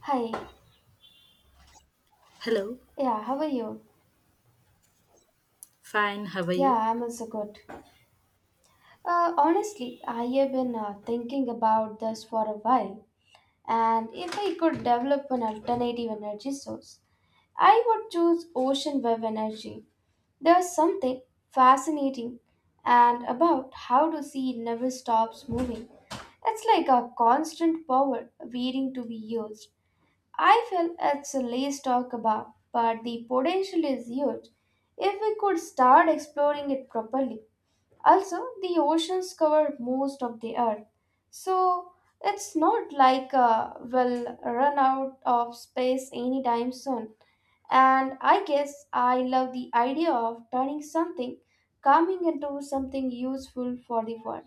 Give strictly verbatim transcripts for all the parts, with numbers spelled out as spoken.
Hi. Hello, Yeah, how are you? fine, how are Yeah, you? I'm also good. Uh, honestly, I have been uh, thinking about this for a while, and if I could develop an alternative energy source, I would choose ocean wave energy. There's something fascinating and about how the sea never stops moving. It's like a constant power waiting to be used. I feel it's less talked about, but the potential is huge if we could start exploring it properly. Also, the oceans cover most of the earth, so it's not like uh, we'll run out of space anytime soon. And I guess I love the idea of turning something calming into something useful for the world.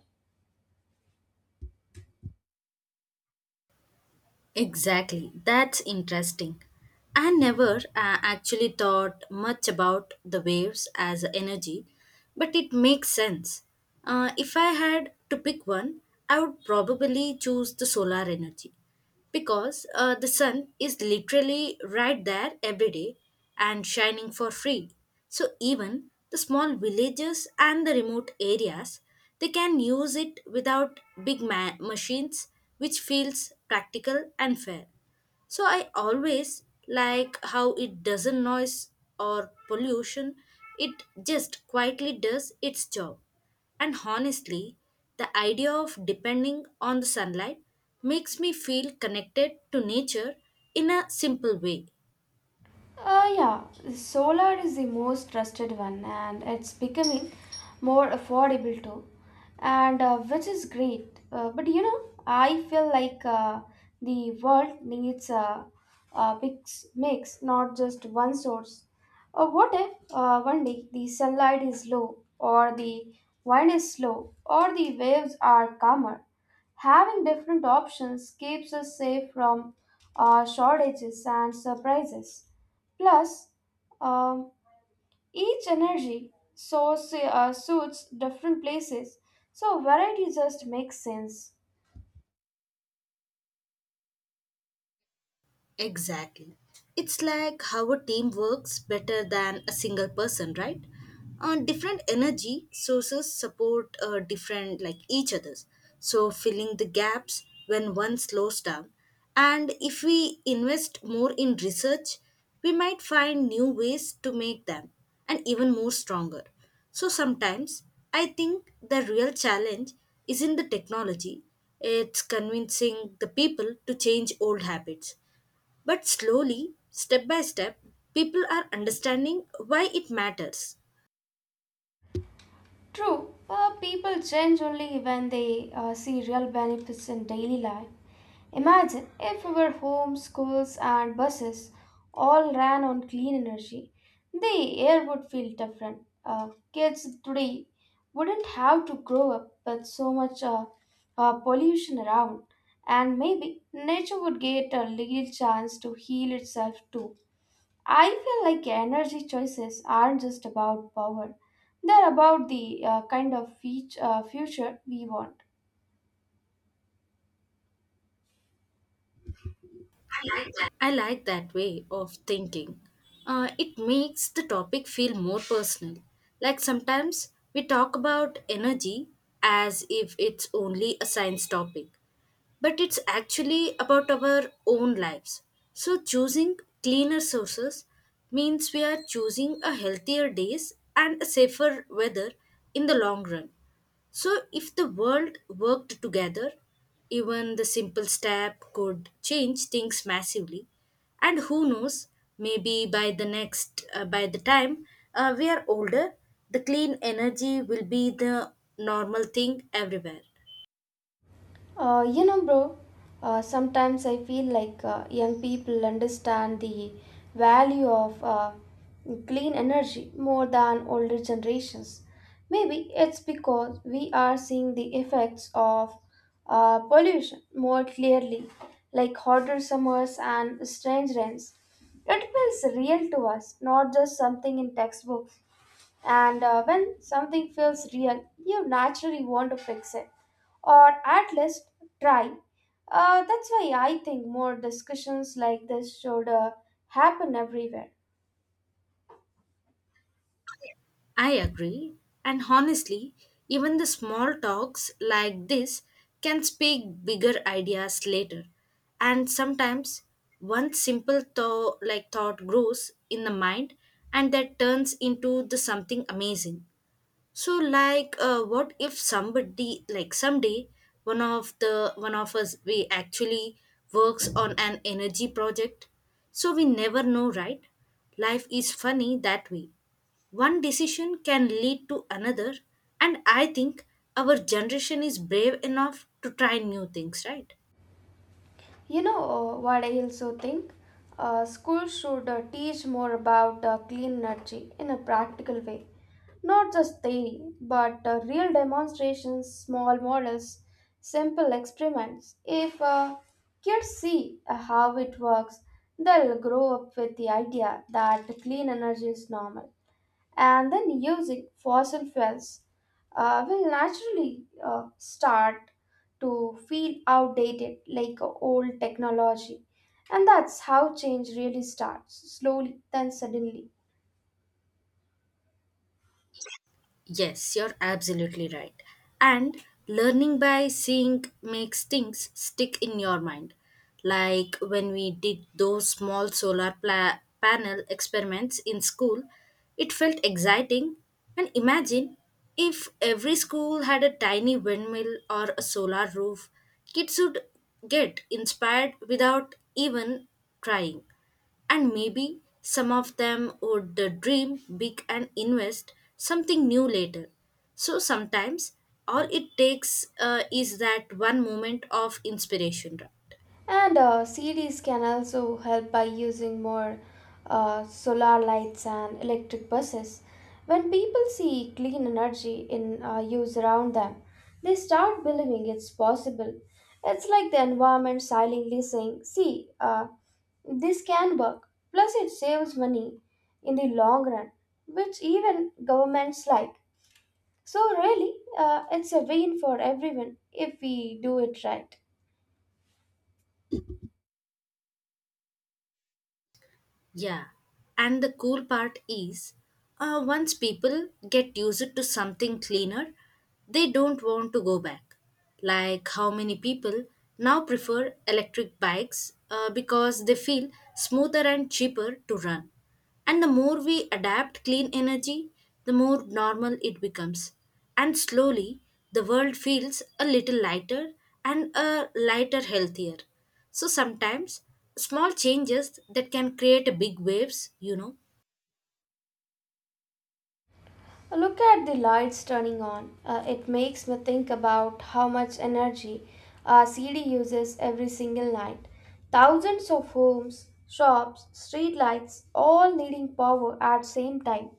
Exactly, that's interesting. I never uh, actually thought much about the waves as energy, but it makes sense. Uh, if I had to pick one, I would probably choose the solar energy because uh, the sun is literally right there every day and shining for free. So even the small villages and the remote areas, they can use it without big ma- machines, which feels practical and fair. So I always like how it doesn't noise or pollution, it just quietly does its job. And honestly, the idea of depending on the sunlight makes me feel connected to nature in a simple way. Uh, yeah, solar is the most trusted one and it's becoming more affordable too, and uh, which is great. Uh, but you know, I feel like uh, the world needs a, a mix, mix, not just one source. Uh, what if uh, one day the sunlight is low, or the wind is slow, or the waves are calmer? Having different options keeps us safe from uh, shortages and surprises. Plus, um, each energy source uh, suits different places, so variety just makes sense. Exactly. It's like how a team works better than a single person, right? Uh, different energy sources support uh, different, like each other's. So, filling the gaps when one slows down. And if we invest more in research, we might find new ways to make them and even more stronger. So, sometimes I think the real challenge is in the technology, it's convincing the people to change old habits. But slowly, step by step, people are understanding why it matters. True, uh, people change only when they uh, see real benefits in daily life. Imagine if our homes, schools, and buses all ran on clean energy. The air would feel different. Uh, kids today wouldn't have to grow up with so much uh, uh, pollution around, and maybe nature would get a little chance to heal itself too. I feel like energy choices aren't just about power, they're about the uh, kind of feat- uh, future we want. I like that way of thinking. Uh, it makes the topic feel more personal. Like sometimes we talk about energy as if it's only a science topic, but it's actually about our own lives. So choosing cleaner sources means we are choosing a healthier days and a safer weather in the long run. So, if the world worked together, even the simple step could change things massively. And who knows, maybe by the next, uh, by the time uh, we are older, the clean energy will be the normal thing everywhere. Uh, you know, bro, uh, sometimes I feel like uh, young people understand the value of uh, clean energy more than older generations. Maybe it's because we are seeing the effects of uh, pollution more clearly, like hotter summers and strange rains. It feels real to us, not just something in textbooks. And uh, when something feels real, you naturally want to fix it or at least try. Uh, that's why I think more discussions like this should uh, happen everywhere. I agree. And honestly, even the small talks like this can speak bigger ideas later. And sometimes one simple thought like thought grows in the mind and that turns into the something amazing. So like uh, what if somebody like someday one of the one of us we actually works on an energy project, so we never know, right? Life is funny that way. One decision can lead to another, and I think our generation is brave enough to try new things, right? You know uh, what I also think? Uh, schools should uh, teach more about uh, clean energy in a practical way. Not just theory, but uh, real demonstrations, small models, simple experiments. If uh, kids see uh, how it works, they'll grow up with the idea that clean energy is normal and then using fossil fuels uh, will naturally uh, start to feel outdated like a old technology. And that's how change really starts slowly, then suddenly. Yes, you're absolutely right. And learning by seeing makes things stick in your mind. Like when we did those small solar pla- panel experiments in school, it felt exciting. And imagine if every school had a tiny windmill or a solar roof, kids would get inspired without even trying. And maybe some of them would uh, dream big and invest something new later. So sometimes all it takes uh, is that one moment of inspiration, right? And uh, cities can also help by using more uh, solar lights and electric buses. When people see clean energy in uh, use around them, they start believing it's possible. It's like the environment silently saying, see, uh, this can work. Plus, it saves money in the long run, which even governments like. So, really, uh, it's a win for everyone if we do it right. Yeah. And the cool part is, uh, once people get used to something cleaner, they don't want to go back. Like how many people now prefer electric bikes uh, because they feel smoother and cheaper to run. And the more we adapt clean energy, the more normal it becomes. And slowly, the world feels a little lighter and a lighter, healthier. So sometimes, small changes that can create a big waves, you know. Look at the lights turning on. Uh, it makes me think about how much energy a city uses every single night. Thousands of homes, shops, street lights, all needing power at same time.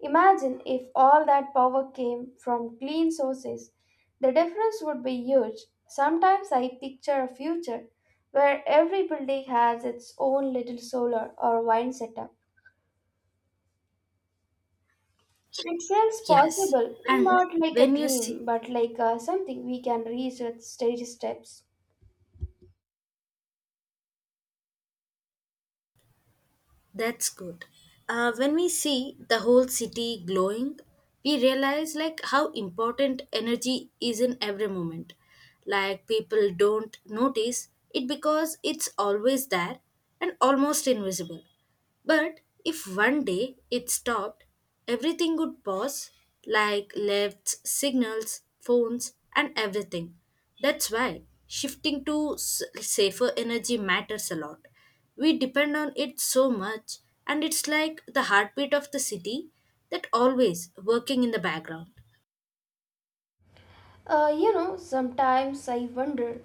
Imagine if all that power came from clean sources. The difference would be huge. Sometimes I picture a future where every building has its own little solar or wind setup. It feels Yes. possible, And not like a when you see, dream, but like uh, something we can reach with steady steps. that's good. Uh, when we see the whole city glowing, we realize like how important energy is in every moment. Like people don't notice it because it's always there and almost invisible. But if one day it stopped, everything would pause, like lifts, signals, phones, and everything. That's why shifting to s- safer energy matters a lot. We depend on it so much, and it's like the heartbeat of the city that always working in the background. Uh, you know, sometimes I wonder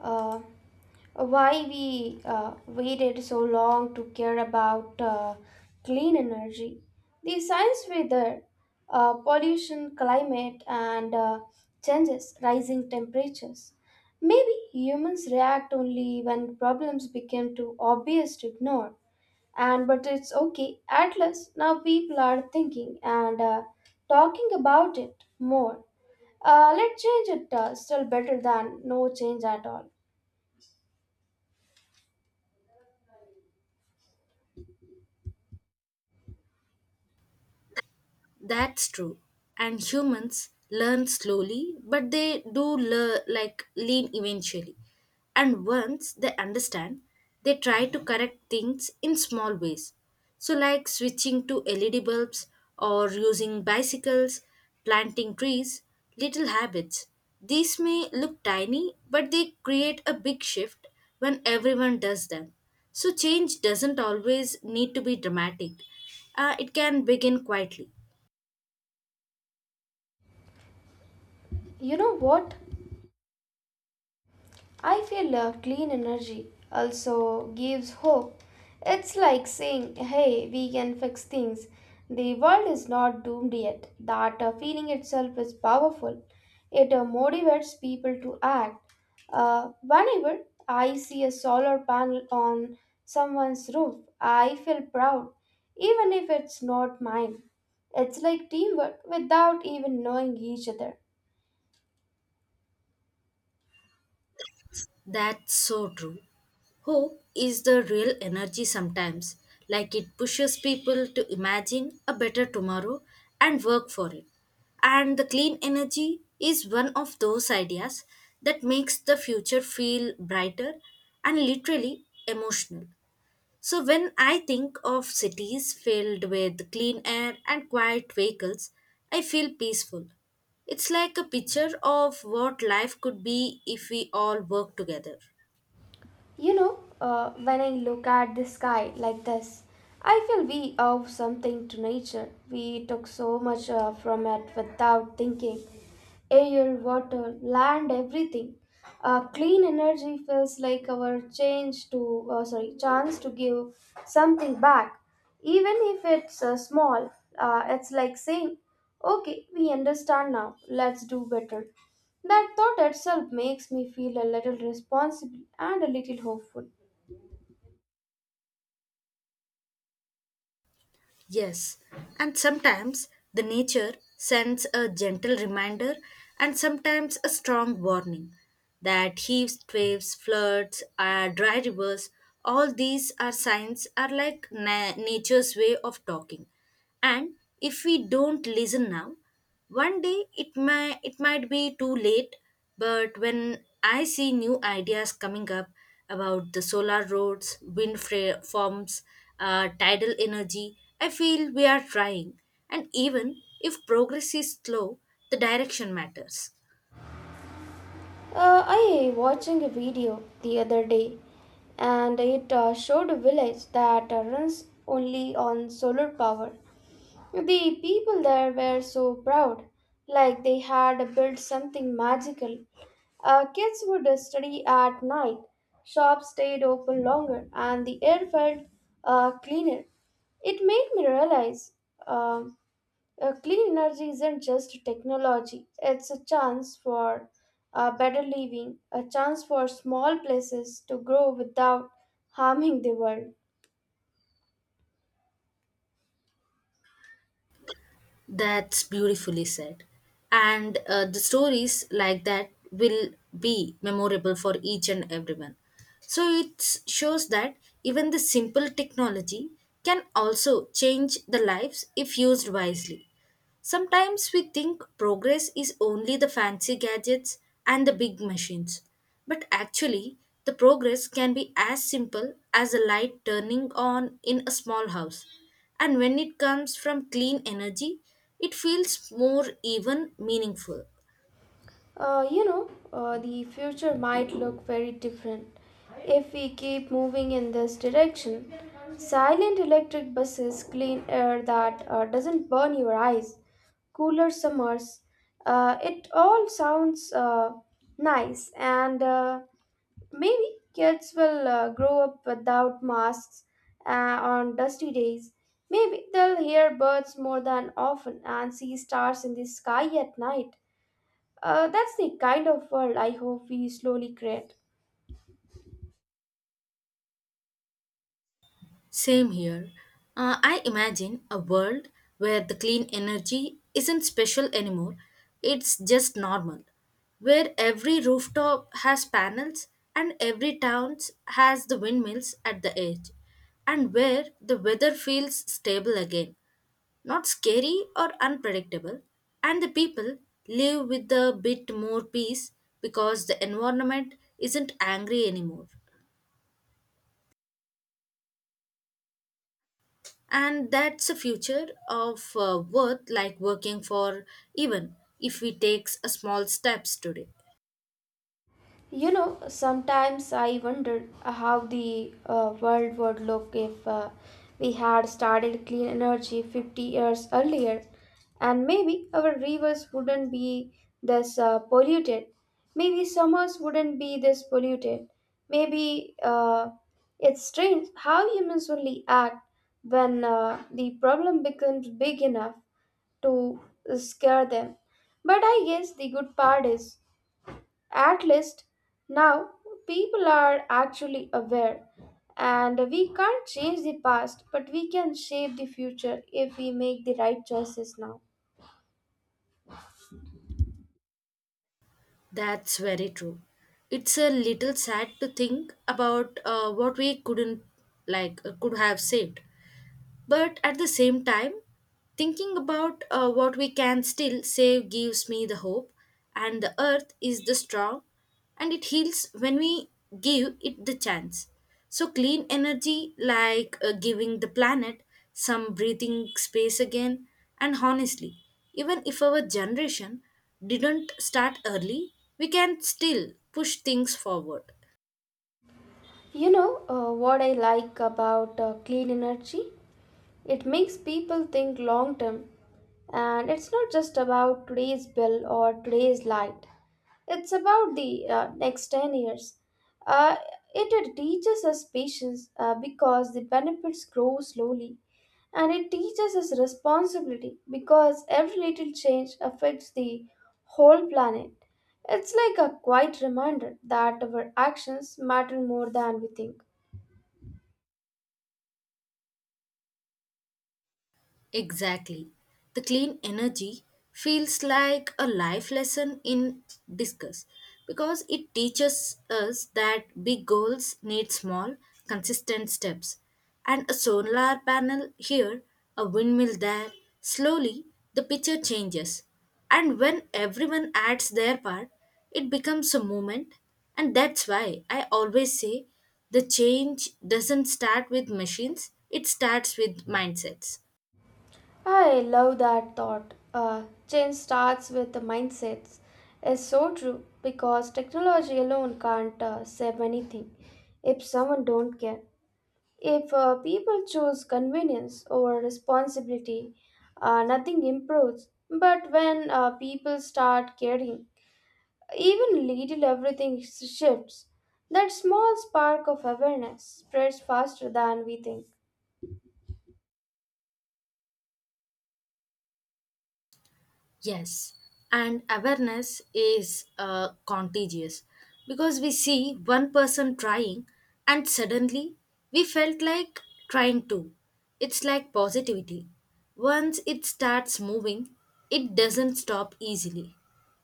uh, why we uh, waited so long to care about uh, clean energy. The science weather, uh, pollution, climate, and uh, changes, rising temperatures. Maybe humans react only when problems become too obvious to ignore. And but it's okay, at least now people are thinking and uh, talking about it more. Uh, let's change it, uh, still better than no change at all. That's true. And humans learn slowly, but they do learn, like lean eventually. And once they understand, they try to correct things in small ways. So, like switching to L E D bulbs or using bicycles, planting trees, little habits. These may look tiny, but they create a big shift when everyone does them. So, change doesn't always need to be dramatic. Uh, it can begin quietly. You know what, I feel uh, clean energy also gives hope. It's like saying, hey, we can fix things. The world is not doomed yet. That uh, feeling itself is powerful. It uh, motivates people to act. Uh, whenever I see a solar panel on someone's roof, I feel proud, even if it's not mine. It's like teamwork without even knowing each other. That's so true. Hope is the real energy sometimes, like it pushes people to imagine a better tomorrow and work for it. And the clean energy is one of those ideas that makes the future feel brighter and literally emotional. So, when I think of cities filled with clean air and quiet vehicles, I feel peaceful. It's like a picture of what life could be if we all work together. You know, uh, when I look at the sky like this, I feel we owe something to nature. We took so much uh, from it without thinking. Air, water, land, everything. Uh, clean energy feels like our change to, uh, sorry, chance to give something back, even if it's uh, small. Uh, it's like saying, "Okay, we understand now. Let's do better." That thought itself makes me feel a little responsible and a little hopeful. Yes, and sometimes the nature sends a gentle reminder and sometimes a strong warning, that heaves, waves, floods, uh, dry rivers, all these are signs are like na- nature's way of talking. And if we don't listen now, one day it may it might be too late, but when I see new ideas coming up about the solar roads, wind fra- farms, uh, tidal energy, I feel we are trying. And even if progress is slow, the direction matters. Uh, I watching a video the other day, and it uh, showed a village that uh, runs only on solar power. The people there were so proud, like they had built something magical. Uh, kids would study at night, shops stayed open longer, and the air felt uh, cleaner. It made me realize. um Uh, clean energy isn't just technology, it's a chance for uh, better living, a chance for small places to grow without harming the world. That's beautifully said. And uh, the stories like that will be memorable for each and everyone. So it shows that even the simple technology can also change the lives if used wisely. Sometimes we think progress is only the fancy gadgets and the big machines, but actually, the progress can be as simple as a light turning on in a small house. And when it comes from clean energy, it feels more even meaningful. Uh, you know, uh, the future might look very different if we keep moving in this direction. Silent electric buses, clean air that uh, doesn't burn your eyes, cooler summers. Uh, it all sounds uh, nice and uh, maybe kids will uh, grow up without masks uh, on dusty days. Maybe they'll hear birds more than often and see stars in the sky at night. Uh, that's the kind of world I hope we slowly create. Same here. Uh, I imagine a world where the clean energy isn't special anymore, it's just normal. Where every rooftop has panels and every town has the windmills at the edge, and where the weather feels stable again, not scary or unpredictable, and the people live with a bit more peace because the environment isn't angry anymore. And that's a future of uh, worth like working for, even if we takes a small steps today. You know, sometimes I wondered how the uh, world would look if uh, we had started clean energy fifty years earlier, and maybe our rivers wouldn't be this uh, polluted. Maybe summers wouldn't be this polluted. Maybe uh, it's strange how humans only act when uh, the problem becomes big enough to scare them. But I guess the good part is at least now people are actually aware, and we can't change the past, but we can shape the future if we make the right choices now. That's very true. It's a little sad to think about uh, what we couldn't, like, uh, could have saved. But at the same time, thinking about uh, what we can still save gives me the hope, and the earth is the strong, and it heals when we give it the chance. So, clean energy, like uh, giving the planet some breathing space again, and honestly, even if our generation didn't start early, we can still push things forward. You know uh, what I like about uh, clean energy? It makes people think long term, and it's not just about today's bill or today's light. It's about the uh, next ten years. Uh, it, it teaches us patience uh, because the benefits grow slowly. And it teaches us responsibility because every little change affects the whole planet. It's like a quiet reminder that our actions matter more than we think. Exactly. The clean energy feels like a life lesson in discuss, because it teaches us that big goals need small, consistent steps. And a solar panel here, a windmill there, slowly the picture changes. And when everyone adds their part, it becomes a movement. And that's why I always say the change doesn't start with machines, it starts with mindsets. I love that thought. Uh, change starts with the mindsets. It's so true because technology alone can't uh, save anything if someone don't care. If uh, people choose convenience over responsibility, uh, nothing improves. But when uh, people start caring, even little everything shifts. That small spark of awareness spreads faster than we think. Yes, and awareness is uh, contagious, because we see one person trying and suddenly we felt like trying too. It's like positivity. Once it starts moving, it doesn't stop easily.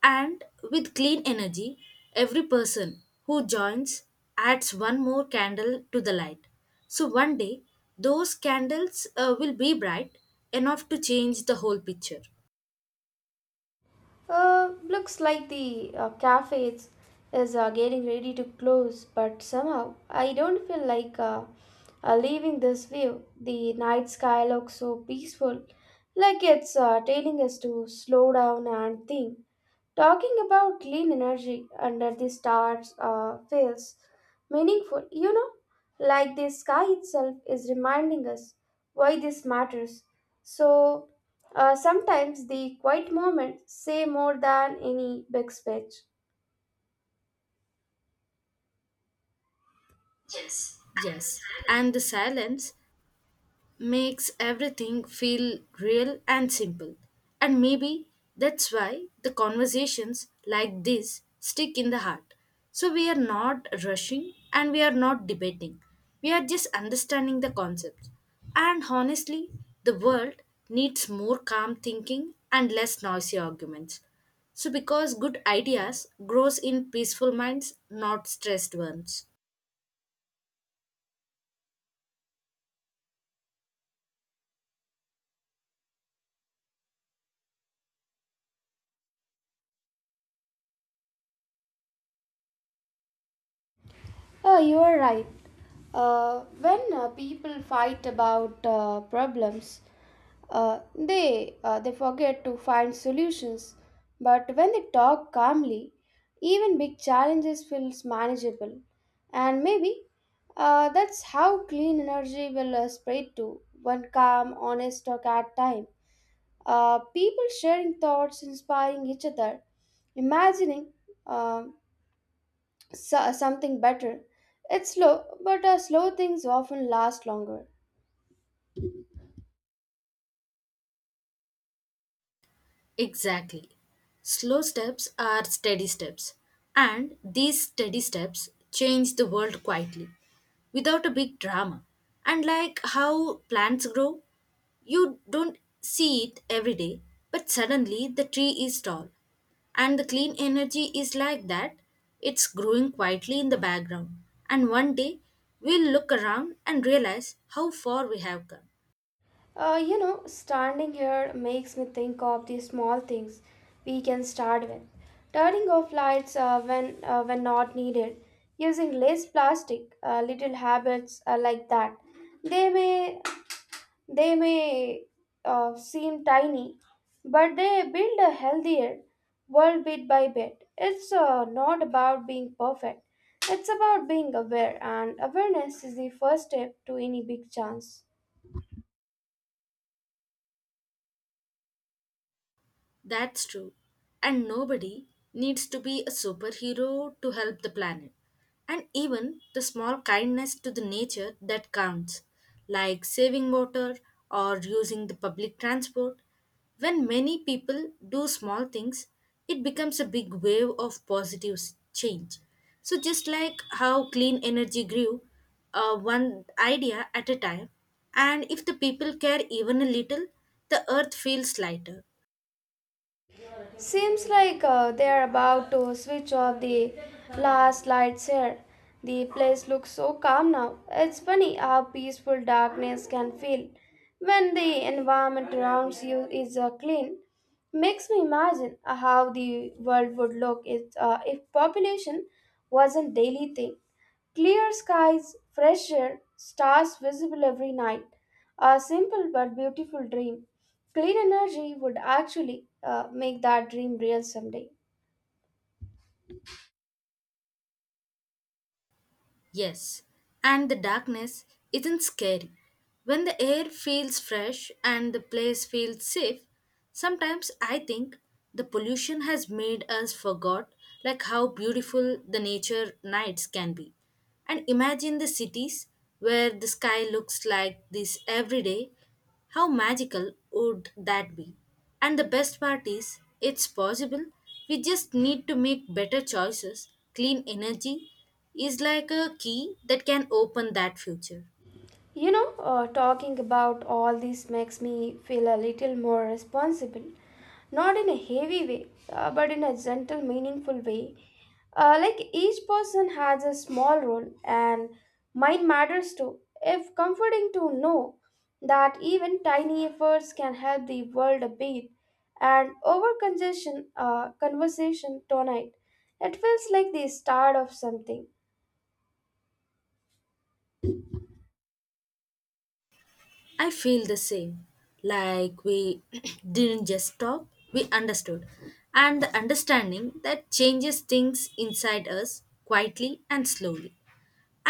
And with clean energy, every person who joins adds one more candle to the light. So one day, those candles uh, will be bright enough to change the whole picture. Uh, looks like the uh, cafe is, is uh, getting ready to close, but somehow I don't feel like uh, uh, leaving this view. The night sky looks so peaceful, like it's uh, telling us to slow down and think. Talking about clean energy under the stars uh, feels meaningful, you know, like the sky itself is reminding us why this matters. So uh, sometimes the quiet moments say more than any big speech. Yes, and the silence makes everything feel real and simple. And maybe that's why the conversations like this stick in the heart. So we are not rushing and we are not debating. We are just understanding the concept. And honestly, the world needs more calm thinking and less noisy arguments. So because good ideas grows in peaceful minds, not stressed ones. Oh, you are right. Uh, when uh, people fight about uh, problems, uh, they uh, they forget to find solutions. But when they talk calmly, even big challenges feels manageable. And maybe uh, that's how clean energy will uh, spread to one calm, honest talk at time. Uh, people sharing thoughts, inspiring each other, imagining uh, so- something better. It's slow, but uh, slow things often last longer. Exactly. Slow steps are steady steps, and these steady steps change the world quietly without a big drama. And like how plants grow, you don't see it every day, but suddenly the tree is tall. And the clean energy is like that, it's growing quietly in the background. And one day we'll look around and realize how far we have come. Uh, you know, standing here makes me think of the small things we can start with. Turning off lights uh, when uh, when not needed, using less plastic, uh, little habits uh, like that. They may They may uh, seem tiny, but they build a healthier world bit by bit. It's uh, not about being perfect, it's about being aware, and awareness is the first step to any big chance. That's true. And nobody needs to be a superhero to help the planet. And even the small kindness to the nature that counts, like saving water or using the public transport. When many people do small things, it becomes a big wave of positive s- change. So, just like how clean energy grew, uh, one idea at a time, and if the people care even a little, the earth feels lighter. Seems like uh, they are about to switch off the last lights here. The place looks so calm now. It's funny how peaceful darkness can feel when the environment around you is uh, clean. Makes me imagine how the world would look if, uh, if population was a daily thing. Clear skies, fresh air, stars visible every night. A simple but beautiful dream. Clean energy would actually uh, make that dream real someday. Yes, and the darkness isn't scary. When the air feels fresh and the place feels safe, sometimes I think the pollution has made us forgot like how beautiful the nature nights can be. And imagine the cities where the sky looks like this every day, how magical would that be? And the best part is, it's possible. We just need to make better choices. Clean energy is like a key that can open that future. You know, uh, talking about all this makes me feel a little more responsible. Not in a heavy way, uh, but in a gentle, meaningful way. Uh, like each person has a small role, and mine matters too. If comforting to know that even tiny efforts can help the world a bit, and over congestion, uh, conversation tonight, it feels like the start of something. I feel the same. Like we didn't just talk, we understood. And the understanding that changes things inside us quietly and slowly.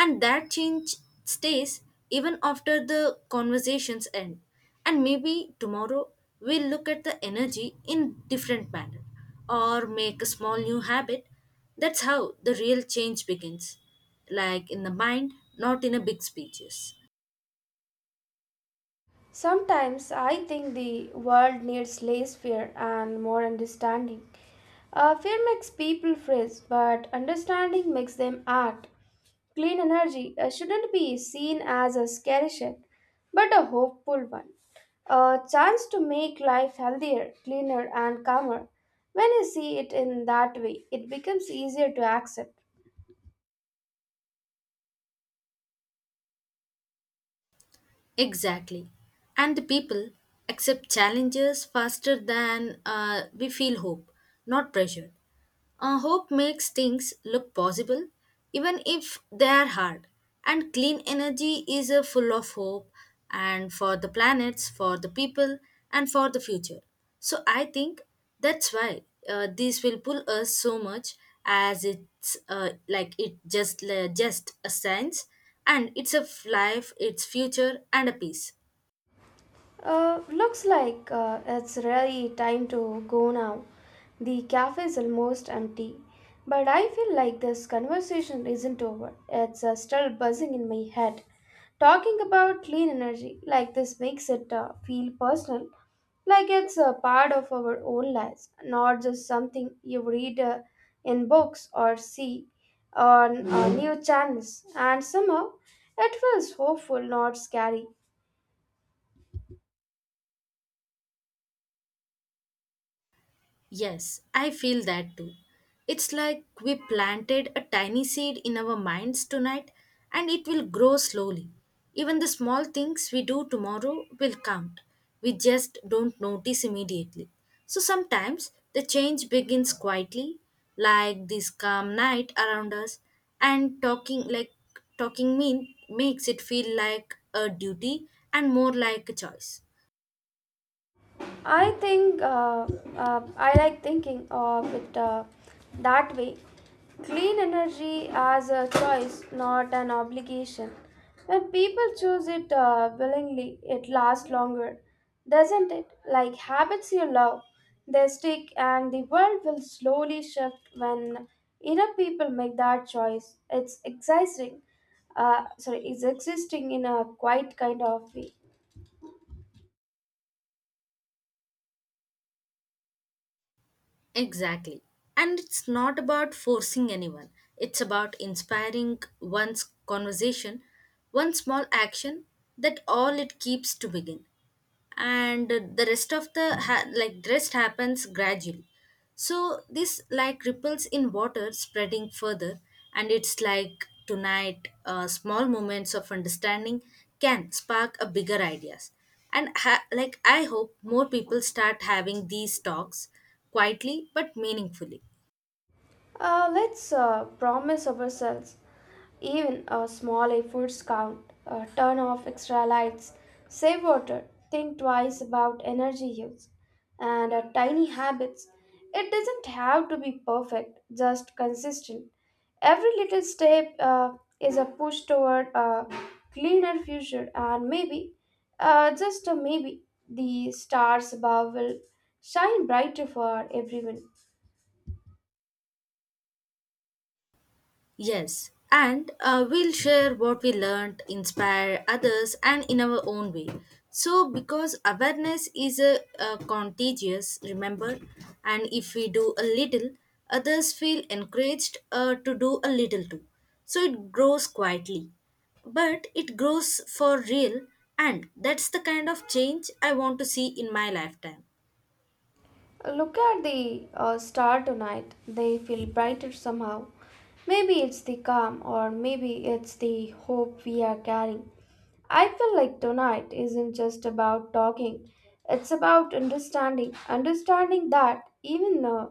And that change stays even after the conversations end. And maybe tomorrow we'll look at the energy in different manner, or make a small new habit. That's how the real change begins, like in the mind, not in a big speeches. Sometimes I think the world needs less fear and more understanding. Uh, fear makes people freeze, but understanding makes them act. Clean energy uh, shouldn't be seen as a scary shit, but a hopeful one. A chance to make life healthier, cleaner, and calmer. When you see it in that way, it becomes easier to accept. Exactly. And the people accept challenges faster than uh, we feel hope, not pressure. Uh, hope makes things look possible, even if they are hard. And clean energy is a full of hope, and for the planets, for the people, and for the future. So I think that's why uh, this will pull us so much, as it's uh, like it just uh, just a science, and it's a life, it's future, and a peace. Uh, looks like uh, it's really time to go now. The cafe is almost empty, but I feel like this conversation isn't over. It's uh, still buzzing in my head. Talking about clean energy like this makes it uh, feel personal, like it's a part of our own lives, not just something you read uh, in books or see on uh, new channels. And somehow it feels hopeful, not scary. Yes, I feel that too. It's like we planted a tiny seed in our minds tonight and it will grow slowly. Even the small things we do tomorrow will count. We just don't notice immediately. So sometimes the change begins quietly, like this calm night around us, and talking like talking mean makes it feel like a duty and more like a choice. I think uh, uh, I like thinking of it uh, that way. Clean energy as a choice, not an obligation. When people choose it uh, willingly, it lasts longer, doesn't it? Like habits you love, they stick, and the world will slowly shift when enough people make that choice. It's exciting. Uh, sorry, it's existing in a quite kind of way. Exactly. And it's not about forcing anyone, it's about inspiring one's conversation, one small action that all it keeps to begin. And the rest of the ha- like rest happens gradually. So this like ripples in water spreading further. And it's like tonight, uh, small moments of understanding can spark a bigger ideas. And ha- like I hope more people start having these talks, quietly but meaningfully. Uh, let's uh, promise ourselves. Even uh, small efforts count. Uh, turn off extra lights, save water, think twice about energy use, and uh, tiny habits. It doesn't have to be perfect, just consistent. Every little step uh, is a push toward a cleaner future, and maybe, uh, just uh, maybe, the stars above will shine brighter for everyone. Yes, and uh, we'll share what we learned, inspire others, and in our own way. So, because awareness is a, a contagious, remember, and if we do a little, others feel encouraged uh, to do a little too. So, it grows quietly, but it grows for real, and that's the kind of change I want to see in my lifetime. Look at the uh, star tonight. They feel brighter somehow. Maybe it's the calm, or maybe it's the hope we are carrying. I feel like tonight isn't just about talking, it's about understanding. Understanding that even uh,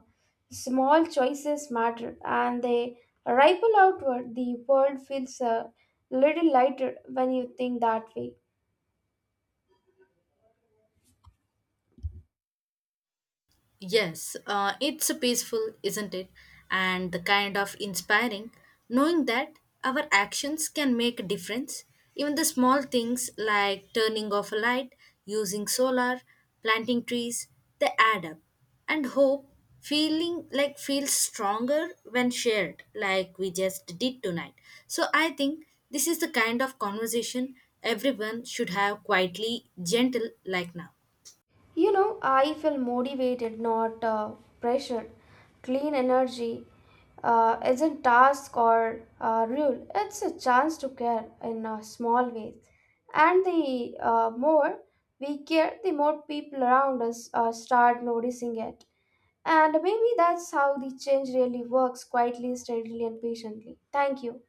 small choices matter and they ripple outward. The world feels a little lighter when you think that way. Yes, uh, it's a peaceful, isn't it? And the kind of inspiring, knowing that our actions can make a difference. Even the small things like turning off a light, using solar, planting trees, they add up. And hope feeling like feels stronger when shared, like we just did tonight. So I think this is the kind of conversation everyone should have quietly gentle like now. You know, I feel motivated, not uh, pressured. Clean energy uh, isn't task or uh, rule. It's a chance to care in uh, small ways. And the uh, more we care, the more people around us uh, start noticing it. And maybe that's how the change really works quietly, steadily, and patiently. Thank you.